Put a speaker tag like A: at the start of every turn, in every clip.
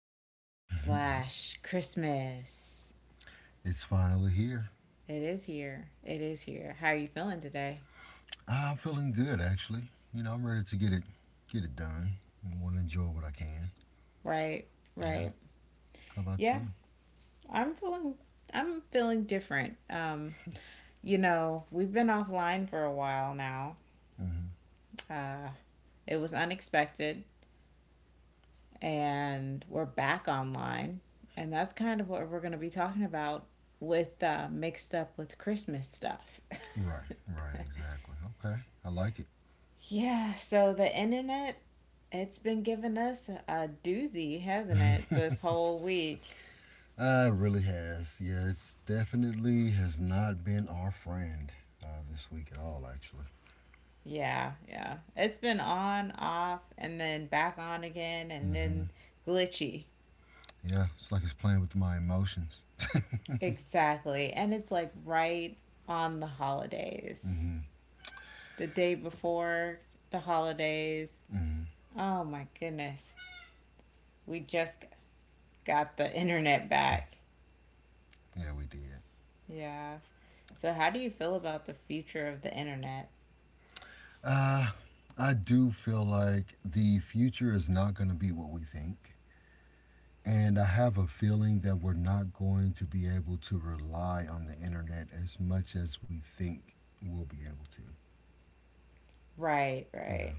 A: day slash Christmas.
B: It's finally here.
A: It is here. It is here. How are you feeling today?
B: I'm feeling good actually. You know, I'm ready to get it done. I want to enjoy what I can.
A: Right,
B: Yeah.
A: right.
B: How about
A: Yeah,
B: you?
A: I'm feeling I'm feeling different. You know, we've been offline for a while now.
B: Mm hmm
A: Uh, it was unexpected. And we're back online. And that's kind of what we're going to be talking about with mixed up with Christmas stuff.
B: Right. Right. Exactly. Okay. I like it.
A: Yeah, so the internet, it's been giving us a doozy, hasn't it, this whole week?
B: It really has. Yeah. It's definitely has not been our friend this week at all. Actually.
A: Yeah, yeah. It's been on, off, and then back on again, and
B: Mm hmm
A: then glitchy.
B: Yeah. It's like it's playing with my emotions.
A: Exactly. And it's like right on the
B: mm
A: holidays.
B: hmm
A: The day before the holidays.
B: mm hmm
A: Oh my goodness. We just got the internet back.
B: Yeah. We did.
A: Yeah. So, how do you feel about the future of the internet?
B: Uh, I do feel like the future is not going to be what we think. And I have a feeling that we're not going to be able to rely on the internet as much as we think we'll be able to.
A: Right,
B: Yeah,
A: right.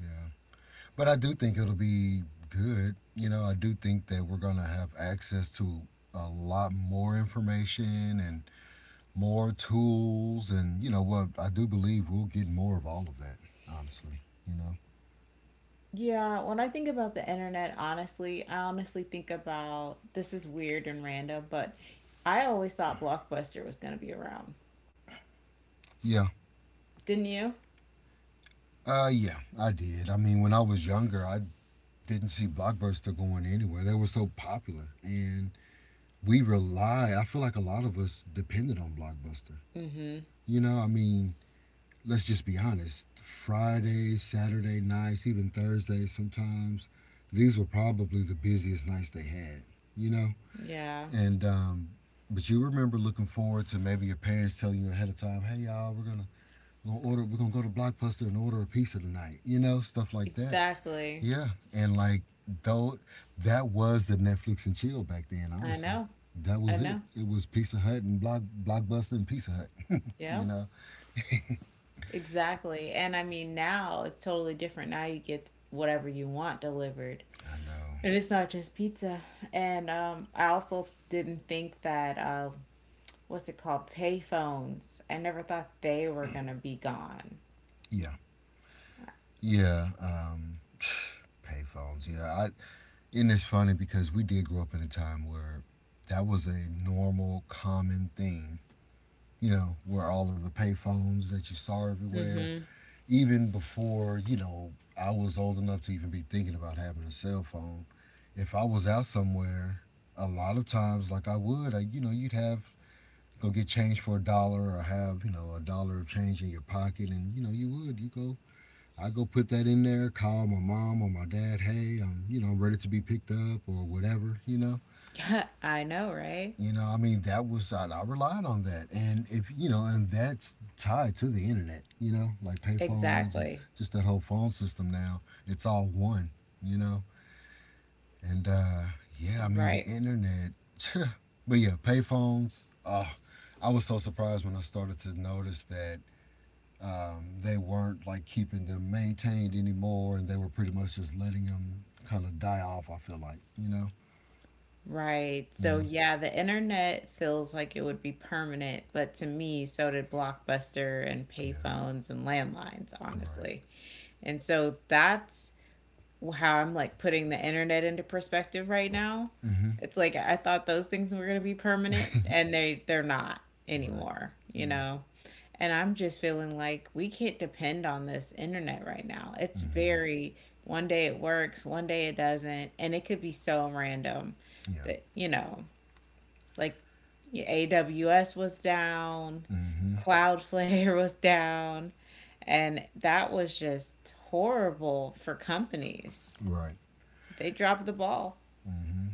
B: yeah. But I do think it'll be good. You know, I do think that we're going to have access to a lot more information and more tools. And, you know, what I do believe we'll get more of all of that, honestly. You know?
A: Yeah, when I think about the internet, honestly, I honestly think about, this is weird and random, but I always thought Blockbuster was going to be around.
B: Yeah.
A: Didn't you?
B: Yeah, I did. I mean, when I was younger, I didn't see Blockbuster going anywhere. They were so popular. And we rely I feel like a lot of us depended on Blockbuster,
A: Mm hmm.
B: you know. I mean, let's just be honest, Fridays, Saturday nights, even Thursdays sometimes, these were probably the busiest nights they had, you know.
A: Yeah,
B: And But you remember looking forward to maybe your parents telling you ahead of time, hey, y'all, we're gonna go to Blockbuster and order a pizza tonight, you know, stuff like that.
A: exactly.
B: Yeah, and like, though, that was the Netflix and chill back then.
A: I
B: Honestly,
A: know.
B: that
A: I
B: was it.
A: know.
B: It was Pizza Hut and Blockbuster and Pizza Hut. you
A: Yeah,
B: know.
A: exactly. And I mean, now it's totally different. Now you get whatever you want delivered.
B: I know.
A: And it's not just pizza. And I also didn't think that what's it called, payphones. I never thought they were gonna be gone.
B: Yeah. Yeah. Payphones. Yeah. I, and it's funny because we did grow up in a time where that was a normal, common thing. You know, where all of the payphones that you saw everywhere,
A: Mm-hmm.
B: even before, you know, I was old enough to even be thinking about having a cell phone, if I was out somewhere, a lot of times, like I would, like, you know, you'd have go get change for a dollar or have, you know, a dollar of change in your pocket. And, you know, you would, you go, I go put that in there, call my mom or my dad, hey, I'm, you know, I'm ready to be picked up or whatever, you know.
A: I know, right?
B: You know, I mean, that was, I relied on that. And if, you know, and that's tied to the internet, you know, like payphones and
A: Exactly.
B: just that whole phone system now. It's all one, you know. And yeah, I mean the
A: Right.
B: internet. but yeah, payphones. Uh, I was so surprised when I started to notice that they weren't like keeping them maintained anymore, and they were pretty much just letting them kind of die off. I feel like, you know.
A: Right. So
B: Yeah.
A: yeah, the internet feels like it would be permanent, but to me, so did Blockbuster and
B: Yeah.
A: payphones and landlines,
B: Right.
A: honestly. And so that's how I'm like putting the internet into perspective right now.
B: Mhm.
A: It's like I thought those things were going to be permanent and they're not
B: Right.
A: anymore, you
B: Yeah.
A: know. And I'm just feeling like we can't depend on this internet right now. It's
B: Mhm.
A: very one day it works, one day it doesn't, and it could be so random
B: Yeah.
A: that, you know, like AWS was down,
B: Mhm.
A: Cloudflare was down, and that was just horrible for companies,
B: Right.
A: they dropped the ball.
B: Mhm.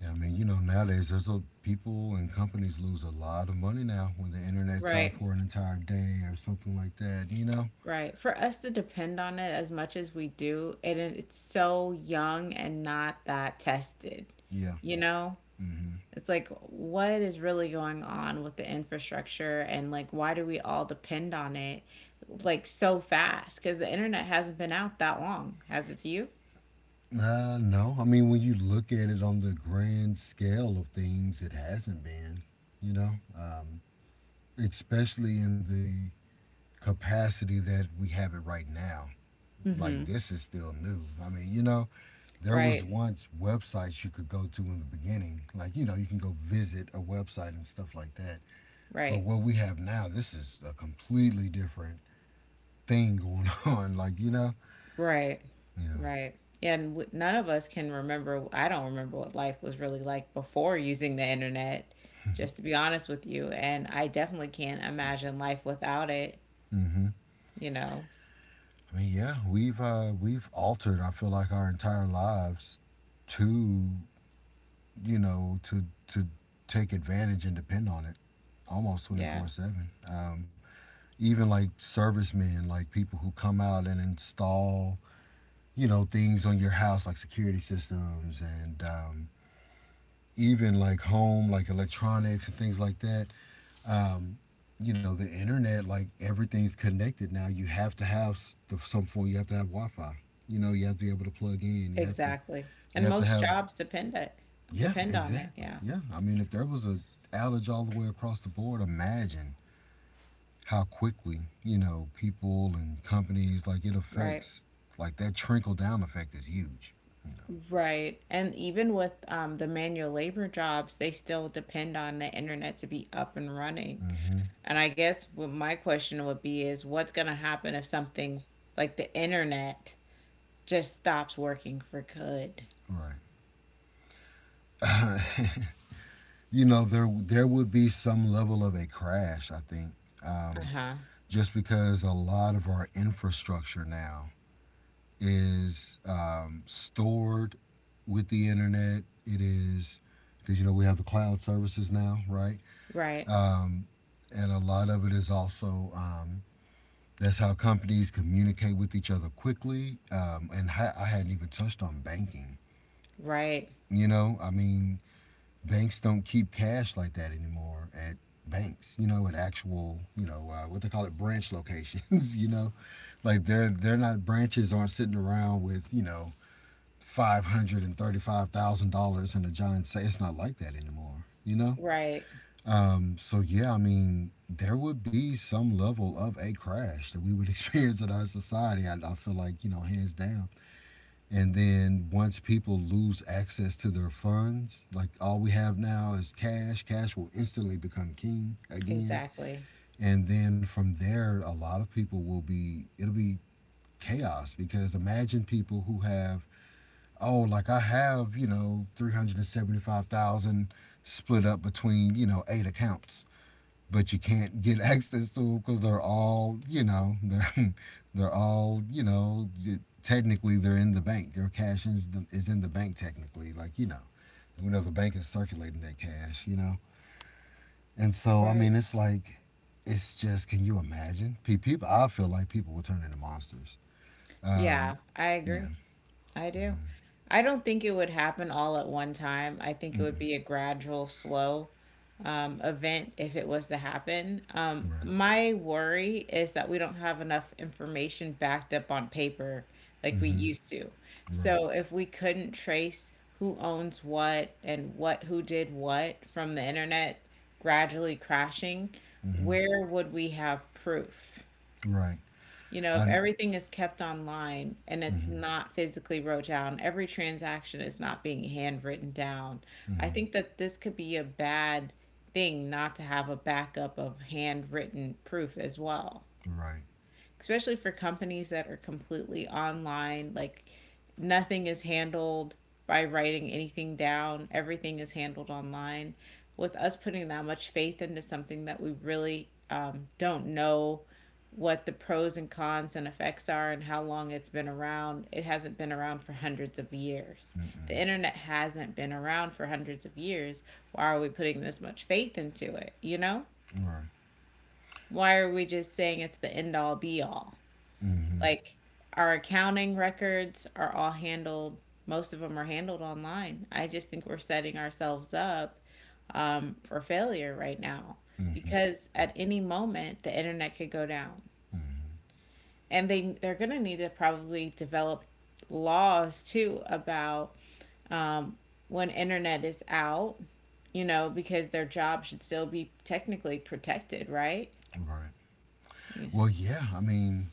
B: Yeah, I mean, you know, nowadays there's a, people and companies lose a lot of money now when the internet's out
A: Right,
B: for an entire day or something like that. You know?
A: right. For us to depend on it as much as we do, and it's so young and not that tested,
B: Yeah.
A: you know?
B: Mm-hmm.
A: It's like, what is really going on with the infrastructure, and like, why do we all depend on it like so fast? Because the internet hasn't been out that long, has it to you?
B: No, I mean when you look at it on the grand scale of things, it hasn't been. You know, um, especially in the capacity that we have it right now. Like
A: Hmm.
B: this is still new. I mean, you know, there was
A: Right.
B: once websites you could go to in the beginning. Like, you know, you can go visit a website and stuff like that. But
A: Right.
B: what we have now, this is a completely different thing going on. Like, you know,
A: Right.
B: yeah.
A: Right. Yeah, and none of us can remember. I don't remember what life was really like before using the internet, just to be honest with you. And I definitely can't imagine life without it,
B: Mm-hmm.
A: you know.
B: I mean, yeah, we've altered. I feel like our entire lives to, you know, to take advantage and depend on it almost
A: Yeah,
B: 24/7, even like servicemen, like people who come out and install, you know, things on your house like security systems and, even like home, like electronics and things like that, um, you know, the internet, like everything's connected now. You have to have the, some form. You have to have Wi-Fi. You know, you have to be able to plug in. You have to.
A: exactly.
B: You
A: And
B: have to
A: most
B: have.
A: jobs depend it,
B: Yeah,
A: depend on it.
B: exactly.
A: Yeah.
B: Yeah, I mean, if there was a outage all the way across the board, imagine how quickly, you know, people and companies, like, it
A: Right.
B: affects. Like that trickle down effect is huge. You know.
A: Right. And even with the manual labor jobs, they still depend on the internet to be up and running.
B: Mm hmm
A: And I guess what my question would be is, what's going to happen if something like the internet just stops working for good?
B: Right. You know, there would be some level of a crash. I think.
A: Uh
B: Um,
A: huh.
B: just because a lot of our infrastructure now is, stored with the internet. It is because, you know, we have the cloud services now, right?
A: Right.
B: Um, and a lot of it is also, that's how companies communicate with each other quickly. I hadn't even touched on banking.
A: Right.
B: You know, I mean, banks don't keep cash like that anymore at banks, you know, at actual, you know, what they call it branch locations, you know, like they're not branches aren't sitting around with, you know, $535,000 in a giant safe. It's not like that anymore, you know.
A: Right.
B: Um, so yeah, I mean there would be some level of a crash that we would experience in our society. I feel like, you know, hands down. And then once people lose access to their funds, like all we have now is cash, cash will instantly become king again.
A: Exactly.
B: And then from there, a lot of people will be, it'll be chaos because imagine people who have, oh, like I have, you know, 375,000 split up between, you know, eight accounts, but you can't get access to them because they're all, you know, they're all you know, technically they're in the bank. Their cash is, the, is in the bank technically, like, you know, we know the bank is circulating that cash, you know. And so I
A: Right.
B: mean it's like, it's just, can you imagine people? I feel like people will turn into monsters.
A: Yeah, I
B: Yeah.
A: agree. I do. I don't think it would happen all at one time. I think it would be a gradual, slow event if it was to happen.
B: Right.
A: My worry is that we don't have enough information backed up on paper like we
B: Mm-hmm.
A: used to.
B: Right.
A: So if we couldn't trace who owns what and what, who did what, from the internet gradually crashing,
B: Mm-hmm.
A: where would we have proof?
B: Right.
A: You know, if
B: I,
A: everything is kept online and it's
B: mm-hmm,
A: not physically wrote down, every transaction is not being handwritten down. I
B: mm-hmm,
A: think that this could be a bad thing not to have a backup of handwritten proof as well,
B: right.
A: especially for companies that are completely online, like nothing is handled by writing anything down, everything is handled online. With us putting that much faith into something that we really don't know what the pros and cons and effects are and how long it's been around, it hasn't been around for hundreds of years. The
B: Mm-hmm,
A: internet hasn't been around for hundreds of years. Why are we putting this much faith into it? You know?
B: right.
A: Why are we just saying it's the end all be all?
B: Mm-hmm,
A: Like, our accounting records are all handled, most of them are handled online. I just think we're setting ourselves up for failure right now, because at any moment the internet could go down, and they're going to need to probably develop laws too about, um, when internet is out, you know, because their job should still be technically protected, right?
B: mm-hmm, right.
A: Yeah.
B: Well, yeah, I mean,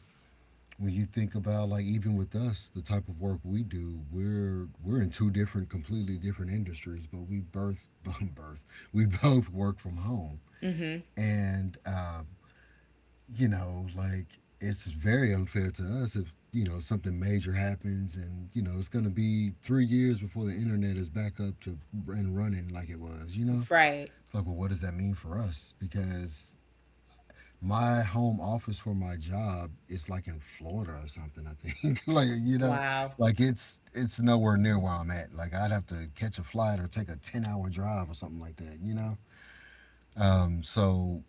B: when you think about, like, even with us, the type of work we do, we're in two different completely different industries, but we birth birth, we both work from home.
A: Mm-hmm.
B: And you know, like it's very unfair to us if, you know, something major happens and, you know, it's going to be 3 years before the internet is back up to and running like it was, you know.
A: Right.
B: It's like, well, what does that mean for us? Because my home office for my job is like in Florida or something, I think. like, you know,
A: Wow.
B: like, it's nowhere near where I'm at. Like I'd have to catch a flight or take a 10-hour drive or something like that, you know? Um, so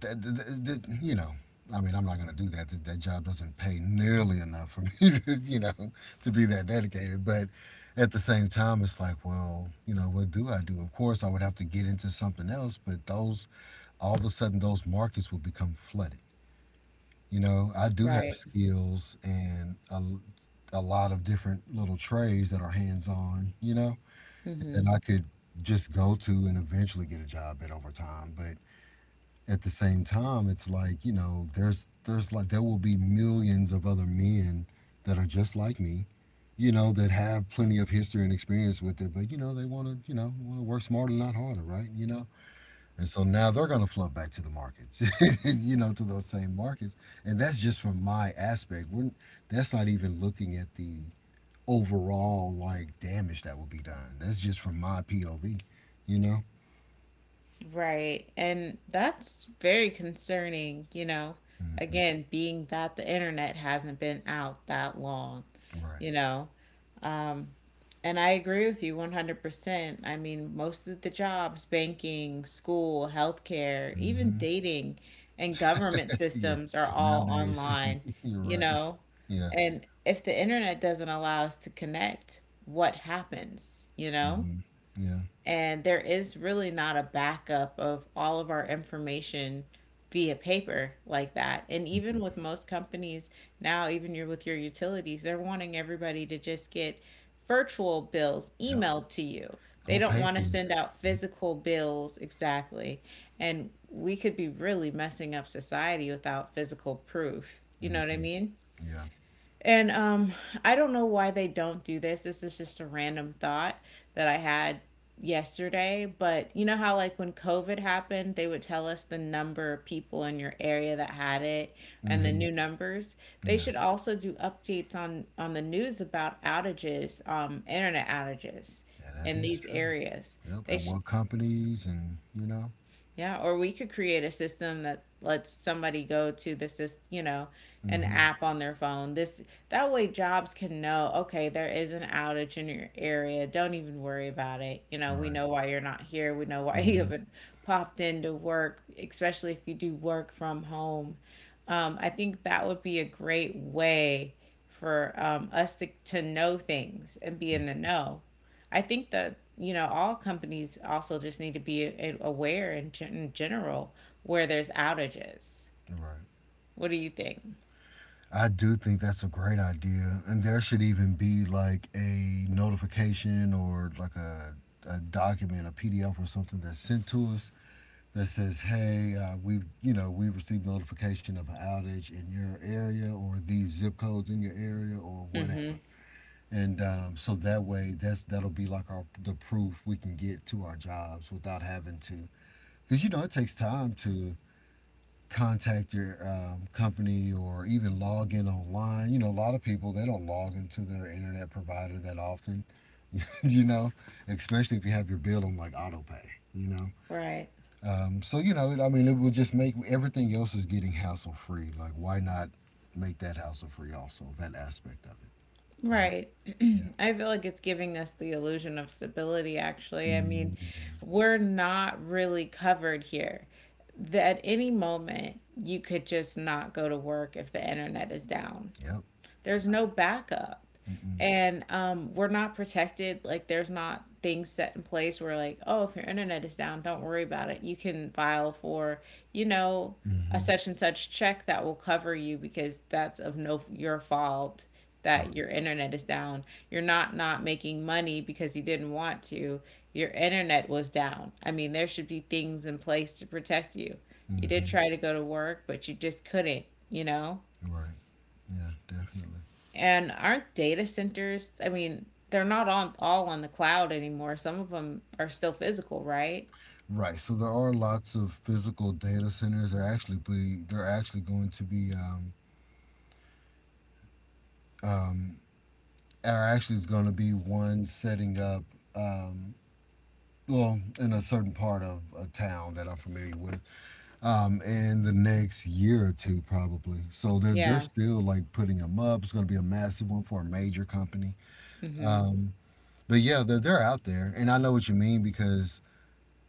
B: that, th th th you know, I mean, I'm not going to do that. That job doesn't pay nearly enough for me to, you know, to be that dedicated. But at the same time it's like, well, you know, what do I do? Of course, I would have to get into something else. But those, all of a sudden, those markets will become flooded, you know. I do have
A: Right.
B: skills and a lot of different little trades that are hands on, you know, that
A: Mm-hmm.
B: I could just go to and eventually get a job at over time. But at the same time, it's like, you know, there's like, there will be millions of other men that are just like me, you know, that have plenty of history and experience with it, but, you know, they want to, you know, want to work smarter, not harder, right? You know, and so now they're going to flood back to the markets, you know, to those same markets. And that's just from my aspect. We're, that's not even looking at the overall like damage that will be done. That's just from my POV, you know.
A: Right. And that's very concerning, you know.
B: Hmm.
A: Again, being that the internet hasn't been out that long,
B: Right.
A: you know. Um, and I agree with you 100%. I mean, most of the jobs, banking, school, healthcare, even
B: Hmm.
A: dating and government
B: Yeah.
A: systems are all
B: Nowadays,
A: online,
B: you're
A: you
B: right.
A: know.
B: Yeah.
A: And if the internet doesn't allow us to connect, what happens, you know?
B: Hmm. Yeah.
A: And there is really not a backup of all of our information via paper like that. And even
B: Mm.
A: with most companies now, even you're with your utilities, they're wanting everybody to just get virtual bills
B: Yep.
A: emailed to you. They
B: Go
A: don't want to
B: paperless.
A: send out physical bills, exactly. And we could be really messing up society without physical proof. You know what I
B: Hmm.
A: mean?
B: Yeah.
A: And I don't know why they don't do this. This is just a random thought that I had yesterday. But you know how, like, when COVID happened, they would tell us the number of people in your area that had it and the
B: Hmm.
A: new numbers. They
B: Yeah.
A: should also do updates on the news about outages, internet outages
B: Yeah. That
A: in
B: is
A: these
B: true.
A: areas.
B: Yep.
A: They
B: And
A: should,
B: what companies and you know.
A: yeah, or we could create a system that lets somebody go to, this is, you know, an
B: Hmm.
A: app on their phone. This that way jobs can know, okay, there is an outage in your area. Don't even worry about it. You know, we
B: Right.
A: know why you're not here. We know why you
B: Mhm.
A: haven't popped into work, especially if you do work from home. I think that would be a great way for us to know things and be in the know. I think that, you know, all companies also just need to be aware in, in general, where there's outages.
B: Right.
A: What do you think?
B: I do think that's a great idea, and there should even be like a notification or like a document, a PDF or something that's sent to us that says, "Hey, we've you know we've received notification of an outage in your area or these zip codes in your area or
A: Mm-hmm.
B: whatever." And so that way, that's that'll be like our the proof we can get to our jobs without having to, because, you know, it takes time to contact your company or even log in online. You know, a lot of people they don't log into their internet provider that often. you know, especially if you have your bill on like autopay. You know,
A: Right.
B: so I mean, it will just make everything else is getting hassle free. Like, why not make that hassle free also? That aspect of it. You know.
A: Right.
B: Yeah.
A: I feel like it's giving us the illusion of stability, actually. I mean,
B: Mm.
A: we're not really covered here. That at any moment, you could just not go to work if the internet is down.
B: Yep.
A: There's no backup,
B: Mm-mm.
A: and we're not protected. Like, there's not things set in place where like, oh, if your internet is down, don't worry about it, you can file for, you know, a
B: Mm-hmm.
A: such and such check that will cover you because that's of no your fault that
B: Right.
A: your internet is down. You're not not making money because you didn't want to, your internet was down. I mean, there should be things in place to protect you. You did
B: Mm-hmm.
A: try to go to work but you just couldn't, you know.
B: Right. Yeah. Definitely.
A: And aren't data centers, I mean, they're not on all on the cloud anymore. Some of them are still physical, right?
B: Right. So there are lots of physical data centers. They're actually going to be, um are actually is going to be one setting up, um well, in a certain part of a town that I'm familiar with, in the next year or two probably. So they're
A: Yeah.
B: still like putting them up. It's going to be a massive one for a major company.
A: Mm-hmm.
B: Um but yeah, they're out there, and I know what you mean because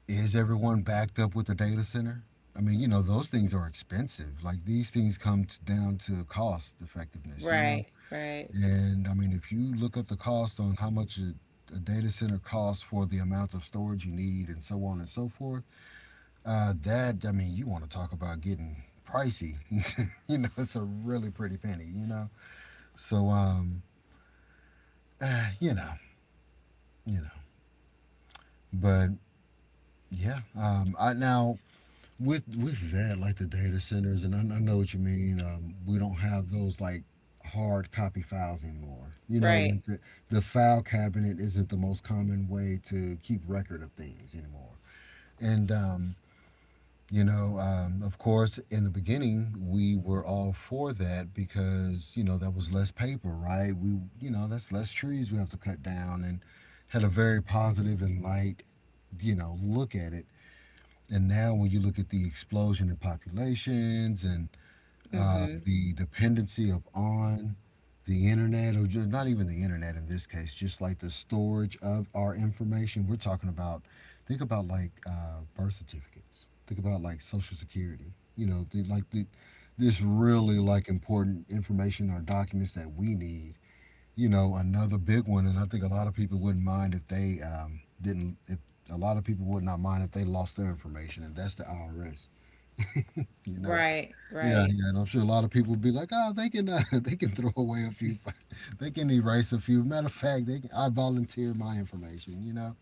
B: is everyone backed up with the data center? I mean, those things are expensive. Like these things come t down to cost effectiveness, you know?
A: Right, right,
B: And I mean, if you look up the cost on how much a data center costs for the amount of storage you need and so on and so forth, I mean, you want to talk about getting pricey. It's a really pretty penny, you know? So, eh, you know, you know. But yeah, I now. With that, like the data centers, and I know what you mean. We don't have those like hard copy files anymore.
A: right.
B: Like the file cabinet isn't the most common way to keep record of things anymore. And of course, in the beginning, we were all for that because that was less paper, right? We that's less trees we have to cut down, and had a very positive and light, look at it. And now, when you look at the explosion in populations and
A: Mm-hmm.
B: the dependency upon the internet, or just not even the internet in this case, just like the storage of our information, we're talking about, think about like birth certificates, think about like social security, this really like important information or documents that we need. Another big one, and I think a lot of people wouldn't mind if they, didn't, if a lot of people would not mind if they lost their information, and that's the IRS you know
A: Right,
B: yeah,
A: right.
B: yeah, and I'm sure a lot of people would be like, oh, they can, they can throw away a few, they can erase a few, matter of fact, they can, I volunteer my information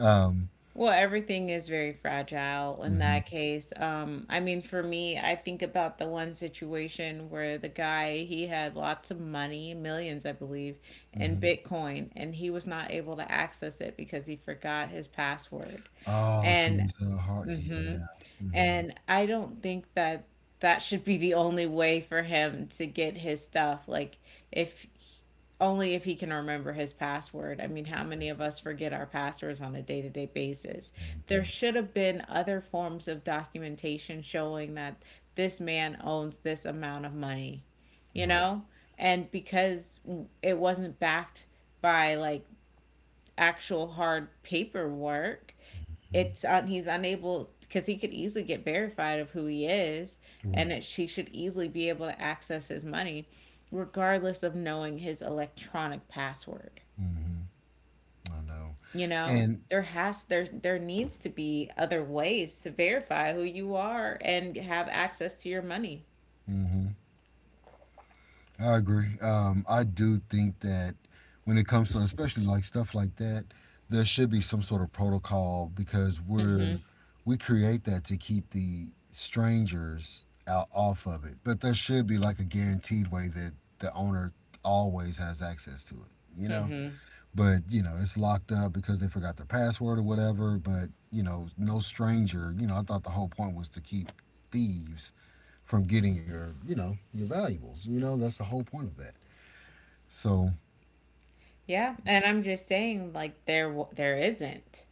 B: um
A: Well, everything is very fragile in
B: mhm.
A: that case. I mean, for me, I think about the one situation where the guy, he had lots of money, millions, I believe, in
B: Mhm.
A: Bitcoin, and he was not able to access it because he forgot his password.
B: Oh, to
A: And,
B: his heart,
A: mm-hmm.
B: yeah. Hmm.
A: And I don't think that that should be the only way for him to get his stuff. Like, if he- only if he can remember his password. I mean, how many of us forget our passwords on a day to day basis? There should have been other forms of documentation showing that this man owns this amount of money,
B: Right. Hmm.
A: you
B: Right.
A: know? And because it wasn't backed by like actual hard paperwork,
B: Mhm.
A: it's on, he's unable, because he could easily get verified of who he is, and
B: Right.
A: it, she should easily be able to access his money regardless of knowing his electronic password.
B: Hmm. I know.
A: You know,
B: And,
A: there there needs to be other ways to verify who you are and have access to your money.
B: mhm. I agree. I do think that when it comes to especially like stuff like that, there should be some sort of protocol because
A: Mm-hmm.
B: we create that to keep the strangers out off of it. But there should be like a guaranteed way that the owner always has access to it, you know?
A: Mm-hmm.
B: But, it's locked up because they forgot their password or whatever, but no stranger, I thought the whole point was to keep thieves from getting your, your valuables. That's the whole point of that. So.
A: Yeah, and I'm just saying like there there isn't.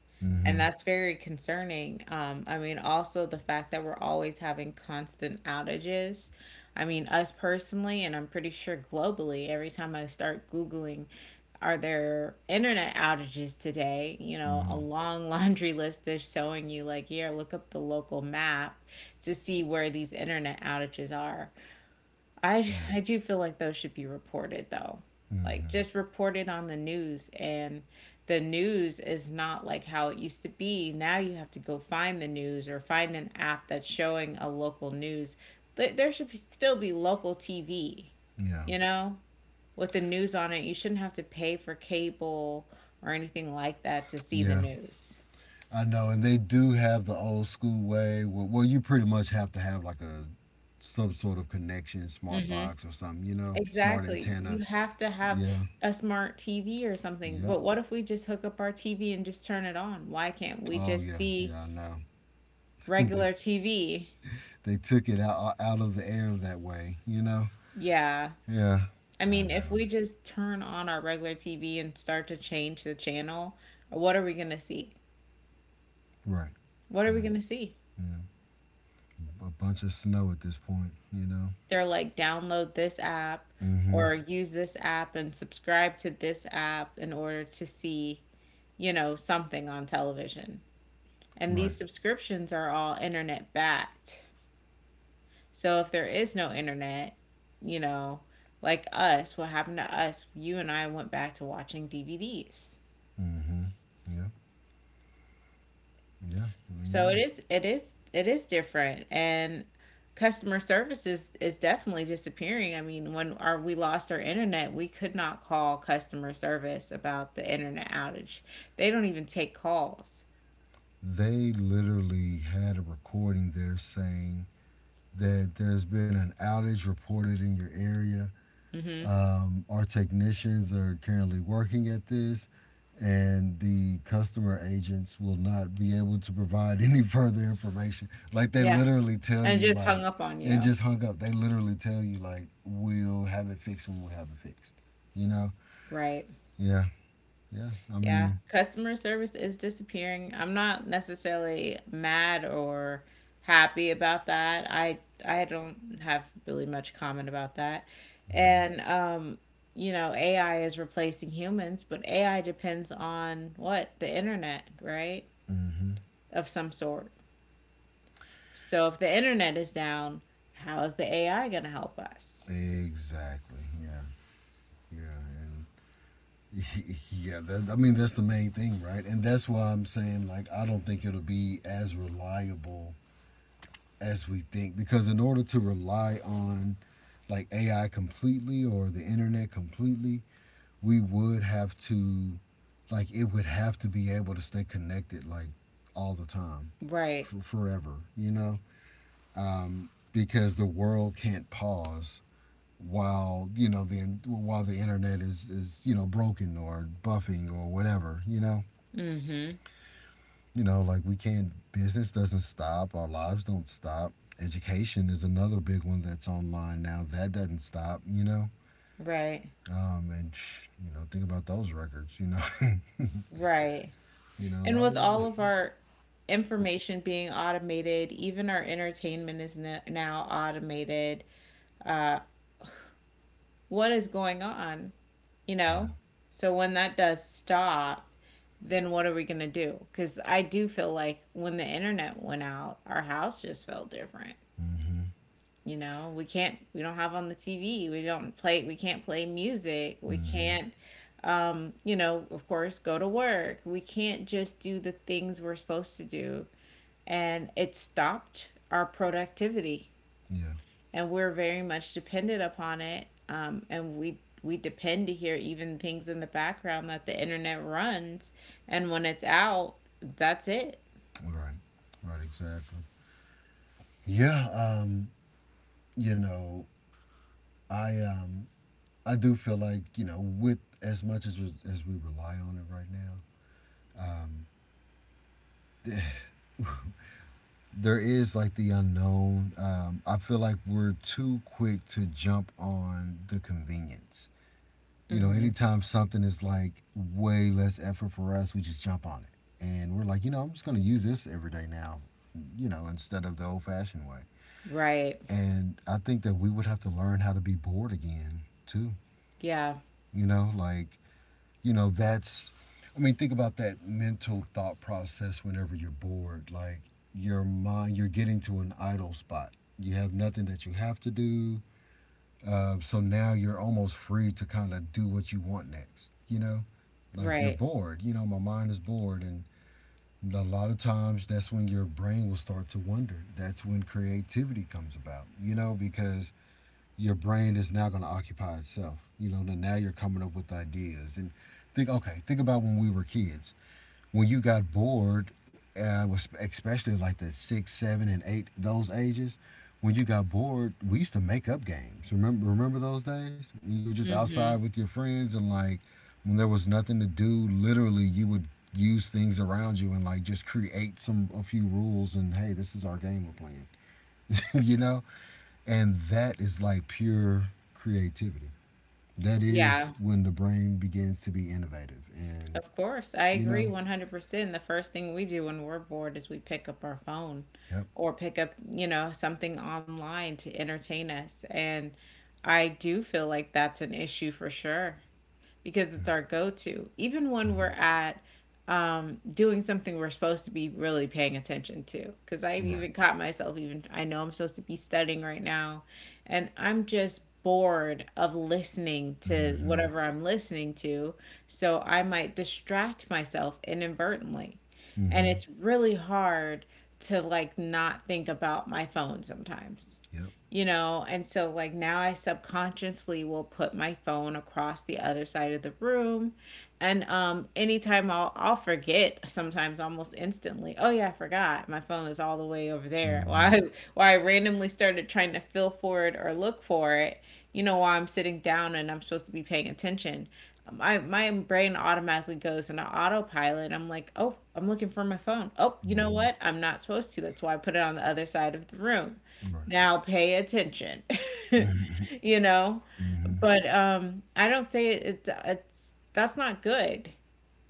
A: And
B: Mm-hmm,
A: that's very concerning. Um, I mean also the fact that we're always having constant outages. I mean us personally and I'm pretty sure globally, every time I start googling, are there internet outages today, you know, a
B: mm-hmm,
A: long laundry list is showing you like, here, look up the local map to see where these internet outages are.
B: right,
A: I do feel like those should be reported though. Like
B: mm-hmm,
A: just reported on the news. And the news is not like how it used to be. Now you have to go find the news or find an app that's showing a local news. There should be, still be local TV,
B: yeah,
A: you know, with the news on it. You shouldn't have to pay for cable or anything like that to see the
B: yeah.
A: news.
B: I know, and they do have the old school way. Well, you pretty much have to have like a some sort of connection, smart
A: Mm-hmm.
B: box or something. Smart
A: Exactly. You
B: antenna.
A: have to have
B: Yeah,
A: a smart TV or something.
B: yep.
A: But what if we just hook up our TV and just turn it on? Why can't we
B: Oh
A: just
B: yeah,
A: see
B: yeah. I know. they
A: regular TV?
B: they took it out, of the air that way.
A: Yeah.
B: Yeah,
A: I
B: I
A: mean, if
B: know.
A: we just turn on our regular TV and start to change the channel, what are we going to see?
B: Right,
A: What are we going
B: right.
A: to see?
B: Yeah, a bunch of snow at this point.
A: They're like, download this app
B: Mm-hmm.
A: or use this app and subscribe to this app in order to see, something on television. And
B: Right.
A: these subscriptions are all internet backed. So if there is no internet, you know, like us, what happened to us, you and I went back to watching DVDs.
B: Mm-hmm. Yeah. Yeah. I
A: So
B: know.
A: it is different and customer service is definitely disappearing. I mean, when our we lost our internet, we could not call customer service about the internet outage. They don't even take calls.
B: They literally had a recording there saying that there's been an outage reported in your area.
A: Mhm.
B: Our technicians are currently working at this, and the customer agents will not be able to provide any further information. Like they
A: Yeah.
B: literally tell
A: And
B: you,
A: just hung
B: like.
A: up on
B: And
A: you.
B: just hung up. They literally tell you, like, we'll have it fixed when we have it fixed. You know?
A: Right.
B: Yeah. Yeah. I
A: Yeah,
B: mean,
A: customer service is disappearing. I'm not necessarily mad or happy about that. I don't have really much comment about that. And you know, AI is replacing humans, but AI depends on what? The internet, right?
B: hmm
A: Of some sort. So if the internet is down, how is the AI going to help us?
B: exactly. Yeah. Yeah. And yeah, I mean, that's the main thing, right? And that's why I'm saying, like, I don't think it'll be as reliable as we think because in order to rely on like AI completely or the internet completely, we would have to, like, it would have to be able to stay connected, like, all the time,
A: Right.
B: forever, you know? Because the world can't pause while the internet is broken or buffing or whatever.
A: Mhm.
B: Like, we can't business doesn't stop, our lives don't stop. Education is another big one that's online now that doesn't stop.
A: Right.
B: And think about those records.
A: Right. And
B: Oh
A: with
B: yeah.
A: all of our information being automated, even our entertainment is now automated. Uh, what is going on? You
B: Yeah.
A: know? So when that does stop, then what are we going to do? Because I do feel like when the internet went out, our house just felt different.
B: Mm. Mhm.
A: You know, we don't have on the TV, we don't play, we can't play music,
B: Mm.
A: we
B: Mhm.
A: can't of course go to work, we can't just do the things we're supposed to do, and it stopped our productivity.
B: Yeah.
A: And we're very much dependent upon it, and we depend to hear even things in the background that the internet runs. And when it's out, that's it.
B: Right, right. Exactly. Yeah. You know i um I do feel like, with as much as we rely on it right now, there is like the unknown. I feel like we're too quick to jump on the convenience.
A: Hmm.
B: Anytime something is like way less effort for us, we just jump on it, and we're like, I'm just gonna use this every day now, instead of the old-fashioned way.
A: Right.
B: And I think that we would have to learn how to be bored again too.
A: Yeah.
B: You know, like You know, that's, I mean, think about that mental thought process whenever you're bored. Like your mind, you're getting to an idle spot. You have nothing that you have to do. So now you're almost free to kind of do what you want next, you know? Like you're
A: Right.
B: bored, my mind is bored. And a lot of times that's when your brain will start to wonder. That's when creativity comes about, because your brain is now going to occupy itself. Then now you're coming up with ideas and think. Okay, think about when we were kids. When you got bored, especially like the six, seven, and eight those ages. When you got bored, we used to make up games. Remember those days when you were just
A: Hmm.
B: outside with your friends and like when there was nothing to do. Literally, you would use things around you and like just create some a few rules, and hey, this is our game we're playing. you know? And that is like pure creativity. That is
A: Yeah.
B: when the brain begins to be innovative. And,
A: Of course, I
B: you
A: agree
B: know,
A: 100%. The first thing we do when we're bored is we pick up our phone
B: yep.
A: or pick up, you know, something online to entertain us. And I do feel like that's an issue for sure because it's our go to. Even when
B: Mm-hmm.
A: we're at doing something we're supposed to be really paying attention to. Because I've
B: Right.
A: even caught myself, even I know I'm supposed to be studying right now, and I'm just bored of listening to
B: Mm-hmm.
A: whatever I'm listening to. So I might distract myself inadvertently. And
B: Mm-hmm.
A: it's really hard to like not think about my phone sometimes.
B: Yep.
A: You know, and so like now I subconsciously will put my phone across the other side of the room, and anytime I'll forget sometimes almost instantly, oh yeah, I forgot my phone is all the way over there.
B: Mm-hmm.
A: Why I randomly started trying to feel for it or look for it, you know, while I'm sitting down and I'm supposed to be paying attention, my brain automatically goes into autopilot. I'm like, oh, I'm looking for my phone. Oh, you know
B: Mm-hmm.
A: what? I'm not supposed to. That's why I put it on the other side of the room.
B: Right.
A: Now pay attention. You know,
B: Mm-hmm.
A: but I don't say it, it's that's not good.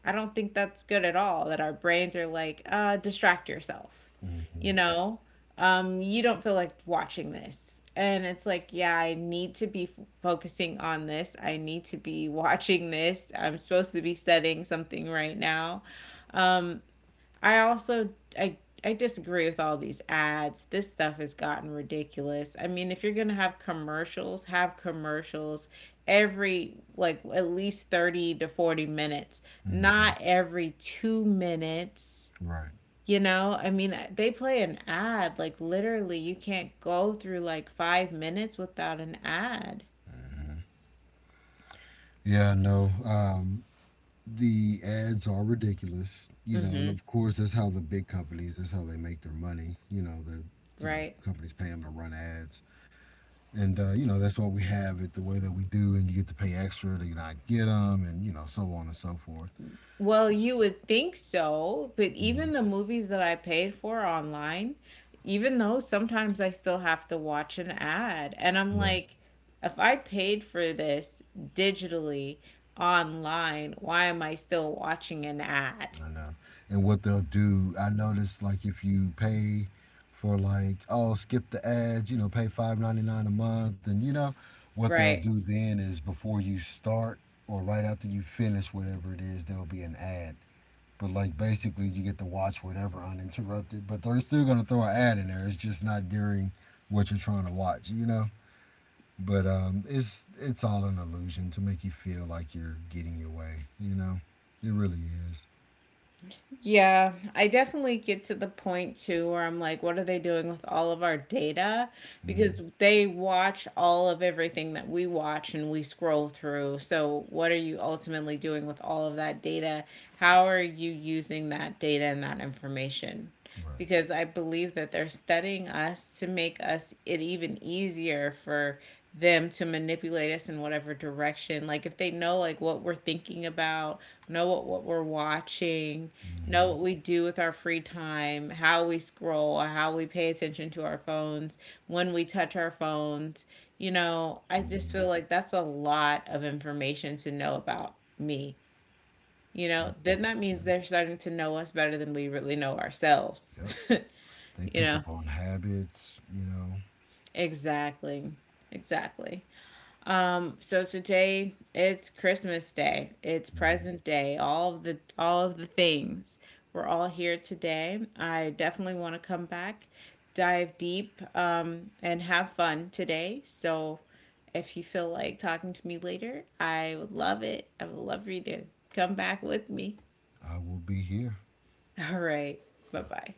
A: I don't think that's good at all that our brains are like, distract yourself. You
B: Mm-hmm.
A: know, you don't feel like watching this. And it's like, yeah, I need to be f focusing on this. I need to be watching this. I'm supposed to be studying something right now. Um, I also I I disagree with all these ads. This stuff has gotten ridiculous. I mean, if you're going to have commercials every like at least 30 to 40 minutes,
B: Mm-hmm.
A: not every 2 minutes.
B: Right.
A: You know, I mean, they play an ad like literally you can't go through like 5 minutes without an ad.
B: Yeah, no. The ads are ridiculous, you know, and
A: Mm-hmm.
B: of course that's how the big companies, that's how they make their money. The
A: Right?
B: companies pay them to run ads. And that's what we have it the way that we do, and you get to pay extra to not get them, and so on and so forth.
A: Well, you would think so, but
B: Mm.
A: even the movies that I paid for online, even though sometimes I still have to watch an ad, and I'm
B: Right,
A: like, if I paid for this digitally online, why am I still watching an ad?
B: I know. And what they'll do, I noticed like if you pay for like, oh, skip the ads, pay 5.99 a month, and what they'll
A: Right.
B: do then is before you start or right after you finish whatever it is, there'll be an ad. But like basically you get to watch whatever uninterrupted, but they're still gonna throw an ad in there. It's just not during what you're trying to watch. But it's all an illusion to make you feel like you're getting your way. It really is.
A: Yeah, I definitely get to the point too where I'm like, what are they doing with all of our data?
B: Hmm.
A: Because they watch all of everything that we watch and we scroll through. So, what are you ultimately doing with all of that data? How are you using that data and that information?
B: Right.
A: Because I believe that they're studying us to make us it even easier for them to manipulate us in whatever direction. Like if they know like what we're thinking about, know what we're watching, know what we do with our free time, how we scroll, how we pay attention to our phones, when we touch our phones. You know, I
B: Hmm.
A: just
B: Hmm.
A: feel like that's a lot of information to know about me. You
B: It
A: know, then
B: is.
A: that
B: Yeah.
A: means they're starting to know us better than we really know ourselves.
B: Yep. They
A: You
B: pick
A: know,
B: up on habits.
A: exactly. Exactly. So today it's Christmas Day. It's
B: Hmm
A: present day. All of the things. We're all here today. I definitely want to come back, dive deep, and have fun today. So if you feel like talking to me later, I would love it. I would love for you to come back with me.
B: I will be here.
A: All right. Bye bye.